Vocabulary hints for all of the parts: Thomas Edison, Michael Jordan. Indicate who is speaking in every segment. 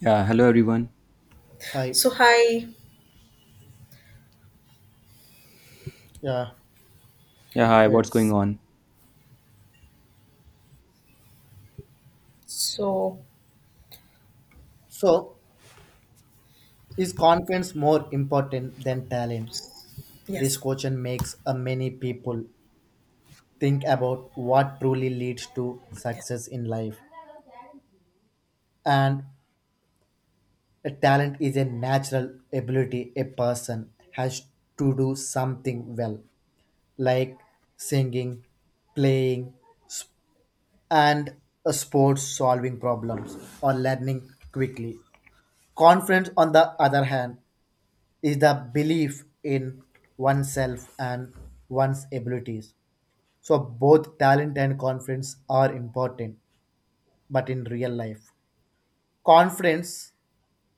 Speaker 1: Yeah, hello everyone.
Speaker 2: Hi,
Speaker 3: So hi.
Speaker 2: yeah,
Speaker 1: Yeah, hi, what's going
Speaker 2: it's
Speaker 1: on?
Speaker 3: So
Speaker 2: so is confidence more important than talent? This
Speaker 3: yes.
Speaker 2: question makes a many people think about what truly leads to success in life. And a talent is a natural ability a person has to do something well, like singing, playing, and a sports solving problems or learning quickly. Confidence, on the other hand, is the belief in oneself and one's abilities. So both talent and confidence are important, but in real life, confidence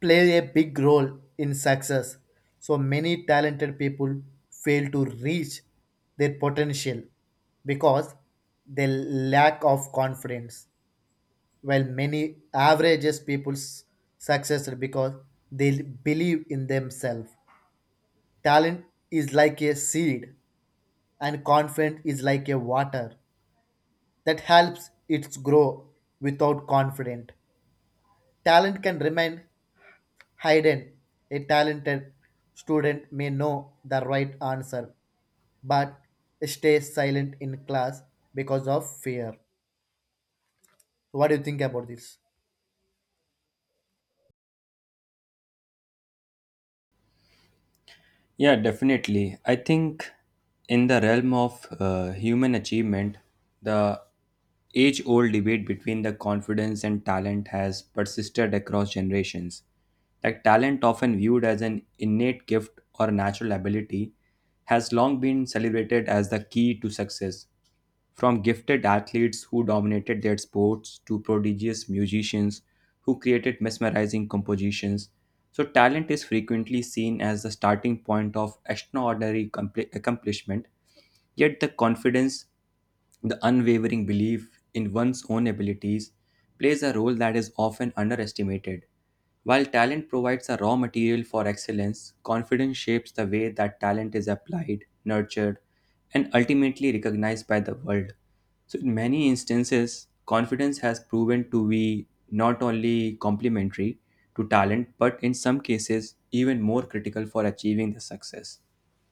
Speaker 2: plays a big role in success. So many talented people fail to reach their potential because they lack of confidence. While many averages people's success because they believe in themselves. Talent is like a seed and confident is like a water that helps it grow without confident, talent can remain hidden. A talented student may know the right answer but stays silent in class because of fear. What do you think about this?
Speaker 1: Yeah, definitely. I think in the realm of human achievement, the age old debate between the confidence and talent has persisted across generations. Like talent, often viewed as an innate gift or natural ability, has long been celebrated as the key to success. From gifted athletes who dominated their sports to prodigious musicians who created mesmerizing compositions. So, talent is frequently seen as the starting point of extraordinary accomplishment, yet, the confidence, the unwavering belief in one's own abilities plays a role that is often underestimated. While talent provides a raw material for excellence, confidence shapes the way that talent is applied, nurtured, and ultimately recognized by the world. So, in many instances, confidence has proven to be not only complementary to talent, but in some cases, even more critical for achieving the success.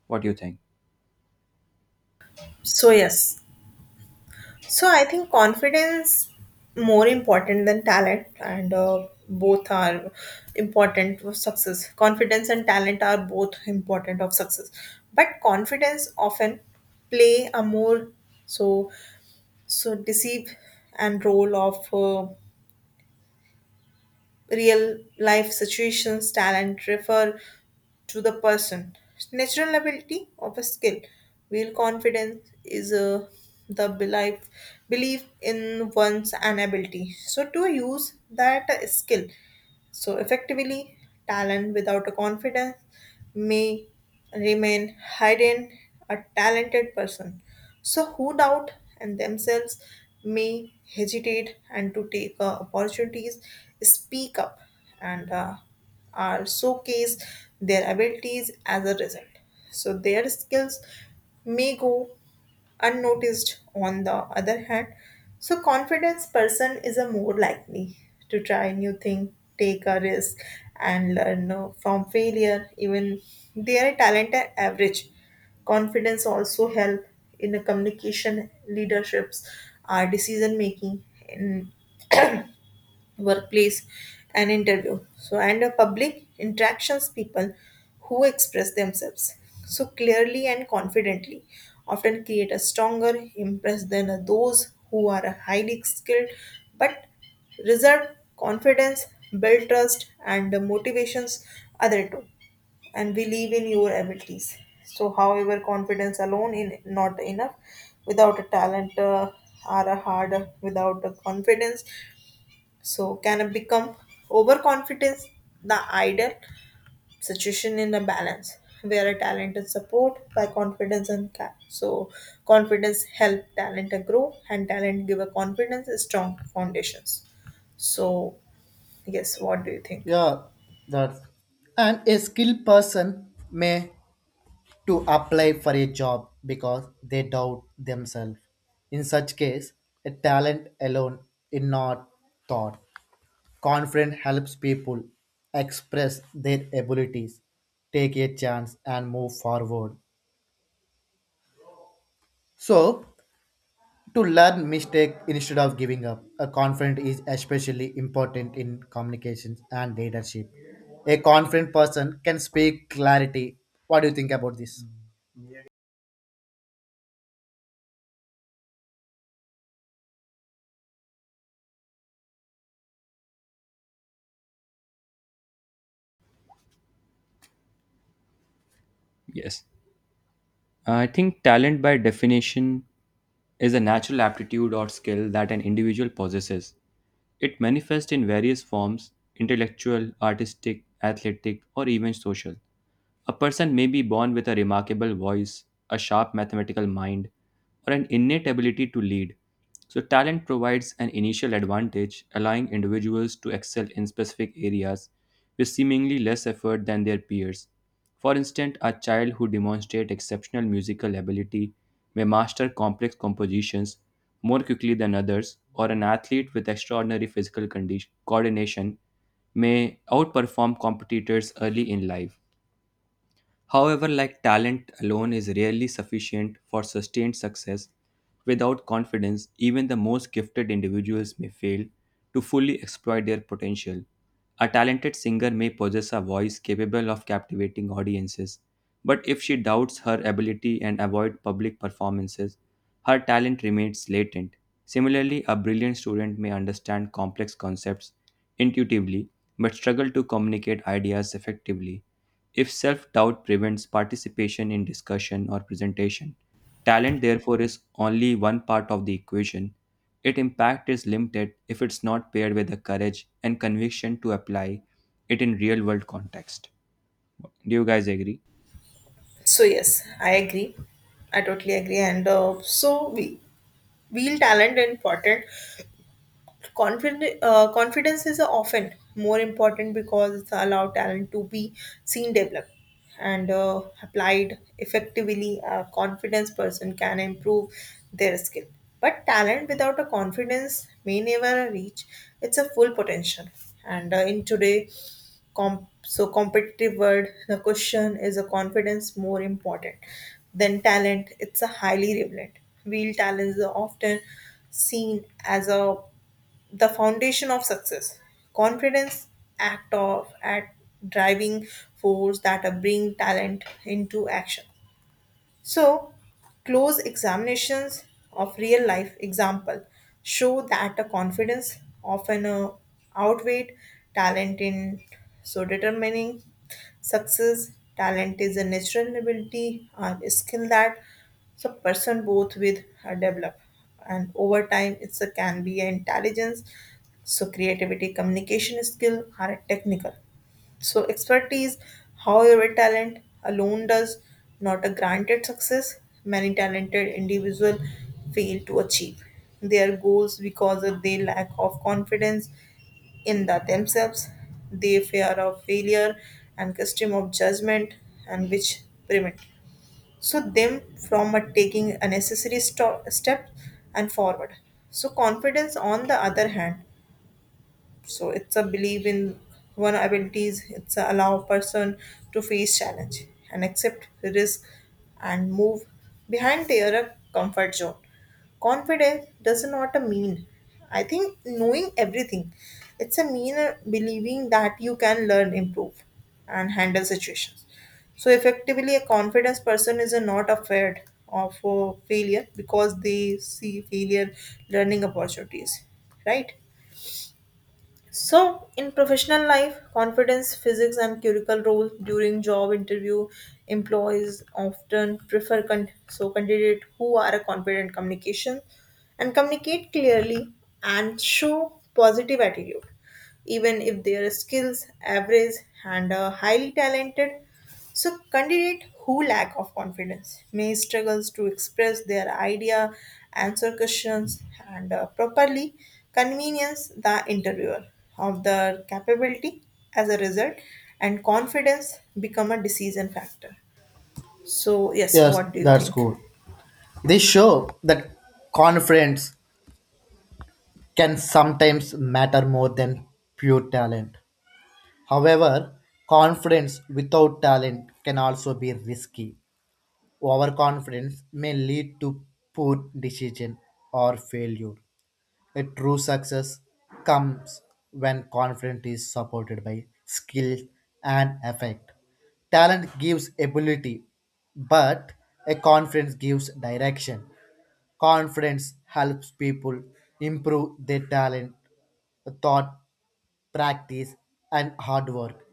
Speaker 1: What do you think?
Speaker 3: So yes. So I think confidence more important than talent, and both are important for success. Confidence and talent are both important of success, but confidence often play a more so so deceive and role of real life situations talent refer to the person natural ability of a skill real confidence is the belief in one's an ability so to use that skill so, effectively, talent without a confidence may remain hidden a talented person. So, who doubt and themselves may hesitate and to take opportunities, speak up, and are showcase their abilities as a result. So, their skills may go unnoticed on the other hand so confidence person is a more likely to try new thing take a risk and learn from failure even they are talented average confidence also help in the communication leaderships our decision making in workplace and interview so and a public interactions people who express themselves so clearly and confidently often create a stronger impress than those who are highly skilled but reserved confidence build trust and motivations other two and believe in your abilities. So, however, confidence alone is not enough. Without a talent or a hard without a confidence, so can it become overconfidence the ideal situation in a balance where a talent is support by confidence and so confidence help talent grow and talent give a confidence a strong foundations. So yes, what do you think?
Speaker 2: Yeah, that. And a skilled person may to apply for a job because they doubt themselves. In such case, a talent alone is not thought. Confidence helps people express their abilities, take a chance, and move forward. So, to learn mistake instead of giving up, a confident is especially important in communications and leadership. A confident person can speak clarity. What do you think about this?
Speaker 1: Yes. I think talent, by definition, is a natural aptitude or skill that an individual possesses. It manifests in various forms intellectual, artistic, athletic, or even social. A person may be born with a remarkable voice, a sharp mathematical mind, or an innate ability to lead. So, talent provides an initial advantage, allowing individuals to excel in specific areas with seemingly less effort than their peers. For instance, a child who demonstrates exceptional musical ability may master complex compositions more quickly than others, or an athlete with extraordinary physical condition, coordination may outperform competitors early in life. However, like talent alone is rarely sufficient for sustained success. Without confidence, even the most gifted individuals may fail to fully exploit their potential. A talented singer may possess a voice capable of captivating audiences, but if she doubts her ability and avoids public performances, her talent remains latent. Similarly, a brilliant student may understand complex concepts intuitively but struggle to communicate ideas effectively. If self doubt prevents participation in discussion or presentation, talent therefore is only one part of the equation. Its impact is limited if it's not paired with the courage and conviction to apply it in real world context. Do you guys agree?
Speaker 3: So yes, I agree. I totally agree. And so we, real talent is important confidence is often more important because it's allow talent to be seen, developed, and applied effectively. A confidence person can improve their skill, but talent without a confidence may never reach its a full potential. And in today, so competitive world, the question is a confidence more important than talent. It's a highly relevant. Real talent is often seen as a the foundation of success. Confidence act of at driving force that bring talent into action. So, close examinations of real life example show that a confidence often outweighed talent in so determining success. Talent is a natural ability or a skill that so person both with develop and over time it's a can be an intelligence so creativity communication skill are technical so, expertise, however, talent alone does not a granted success. Many talented individuals fail to achieve their goals because of their lack of confidence in the themselves, their fear of failure and custom of judgment, and which prevent so them from a taking a necessary step and forward. So confidence, on the other hand so it's a belief in one abilities it's a allow person to face challenge and accept risk and move behind their comfort zone confidence does not a mean I think knowing everything it's a mean believing that you can learn improve and handle situations so effectively a confidence person is not afraid of failure because they see failure learning opportunities right so, in professional life, confidence, physics, and curricular roles during job interview, employees often prefer so candidate who are a confident communication and communicate clearly and show positive attitude even if their skills average and are highly talented. So candidate who lack of confidence may struggles to express their idea, answer questions, and properly convenience the interviewer of their capability. As a result, and confidence become a decision factor. So yes,
Speaker 2: Yes,
Speaker 3: what do you
Speaker 2: that's
Speaker 3: think?
Speaker 2: cool. They show that confidence can sometimes matter more than pure talent. However, confidence without talent can also be risky. Overconfidence may lead to poor decision or failure. A true success comes when confidence is supported by skill and effect. Talent gives ability, but a confidence gives direction. Confidence helps people improve their talent, thought, practice, and hard work.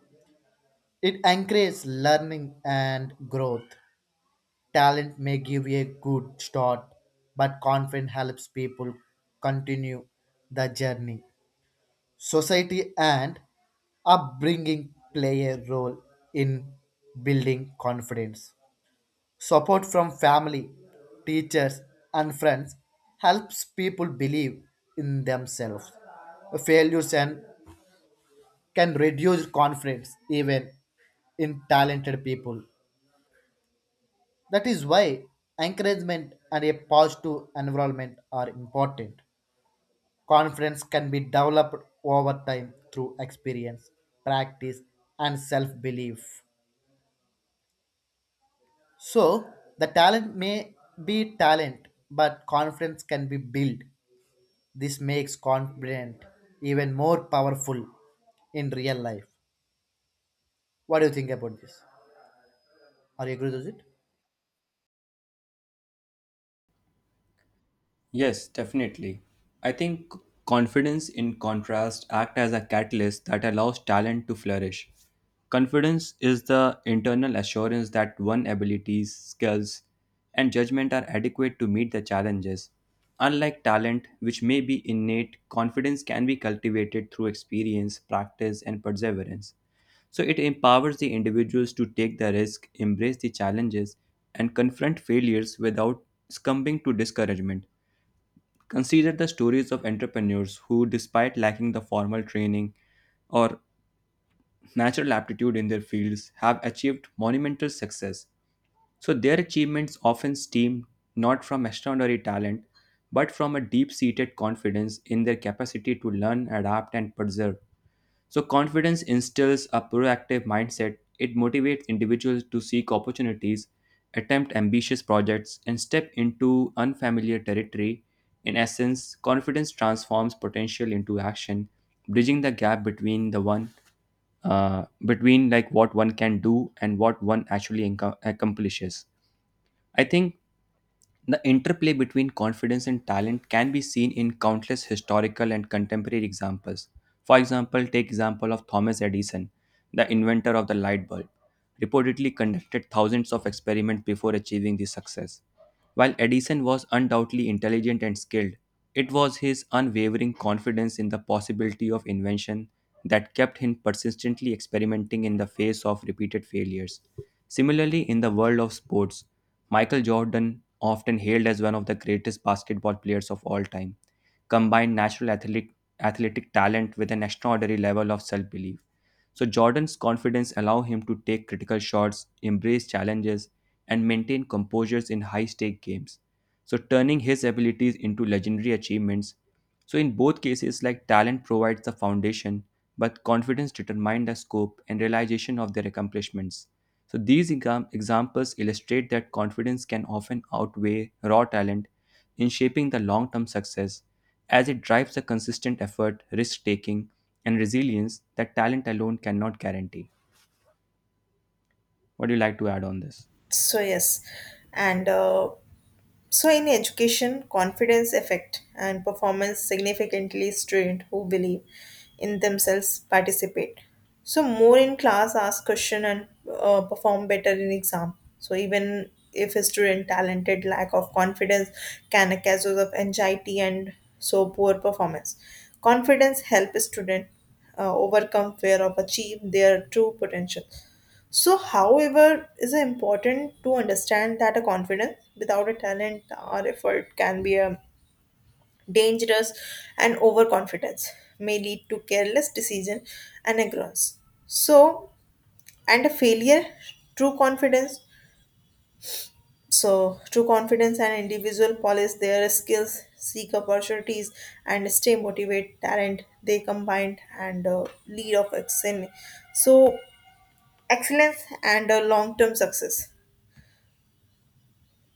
Speaker 2: It encourages learning and growth. Talent may give a good start, but confidence helps people continue the journey. Society and upbringing play a role in building confidence. Support from family, teachers, and friends helps people believe in themselves. Failures and can reduce confidence even in talented people. That is why encouragement and a positive environment are important. Confidence can be developed over time through experience, practice, and self belief. So, the talent may be talent, but confidence can be built. This makes confident even more powerful in real life. What do you think about this? Are you agree with it?
Speaker 1: Yes, definitely. I think confidence, in contrast, act as a catalyst that allows talent to flourish. Confidence is the internal assurance that one's abilities, skills, and judgment are adequate to meet the challenges. Unlike talent, which may be innate, confidence can be cultivated through experience, practice, and perseverance. So it empowers the individuals to take the risk, embrace the challenges, and confront failures without succumbing to discouragement. Consider the stories of entrepreneurs who, despite lacking the formal training or natural aptitude in their fields, have achieved monumental success. So, their achievements often stem not from extraordinary talent, but from a deep seated confidence in their capacity to learn, adapt, and persevere. So, confidence instills a proactive mindset. It motivates individuals to seek opportunities, attempt ambitious projects, and step into unfamiliar territory. In essence, confidence transforms potential into action, bridging the gap between the one between like what one can do and what one actually accomplishes. I think the interplay between confidence and talent can be seen in countless historical and contemporary examples. For example, take example of Thomas Edison, the inventor of the light bulb, reportedly conducted thousands of experiments before achieving this success. While Edison was undoubtedly intelligent and skilled, it was his unwavering confidence in the possibility of invention that kept him persistently experimenting in the face of repeated failures. Similarly, in the world of sports, Michael Jordan, often hailed as one of the greatest basketball players of all time, combined natural athletic talent with an extraordinary level of self belief. So, Jordan's confidence allowed him to take critical shots, embrace challenges, and maintain composures in high stake games. So, turning his abilities into legendary achievements, so in both cases, like talent provides the foundation, but confidence determines the scope and realization of their accomplishments. So these examples illustrate that confidence can often outweigh raw talent in shaping the long-term success, as it drives the consistent effort, risk-taking, and resilience that talent alone cannot guarantee. What do you like to add on this?
Speaker 3: So yes, and so, in education, confidence effect and performance significantly strained who believe in themselves participate. So, more in class, ask question and perform better in exam. So, even if a student talented, lack of confidence can a causes of anxiety and so poor performance. Confidence help student overcome fear of achieve their true potential. So, however, is it important to understand that a confidence without a talent or effort can be a dangerous and overconfidence may lead to careless decision and ignorance. So, and a failure, true confidence. So, true confidence and individual polish their skills, seek opportunities, and stay motivated. Talent they combined and lead of excellence. So, excellence and long-term success.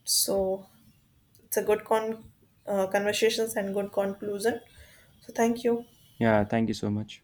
Speaker 3: So it's a good conversations and good conclusion so thank you.
Speaker 1: Yeah, thank you so much.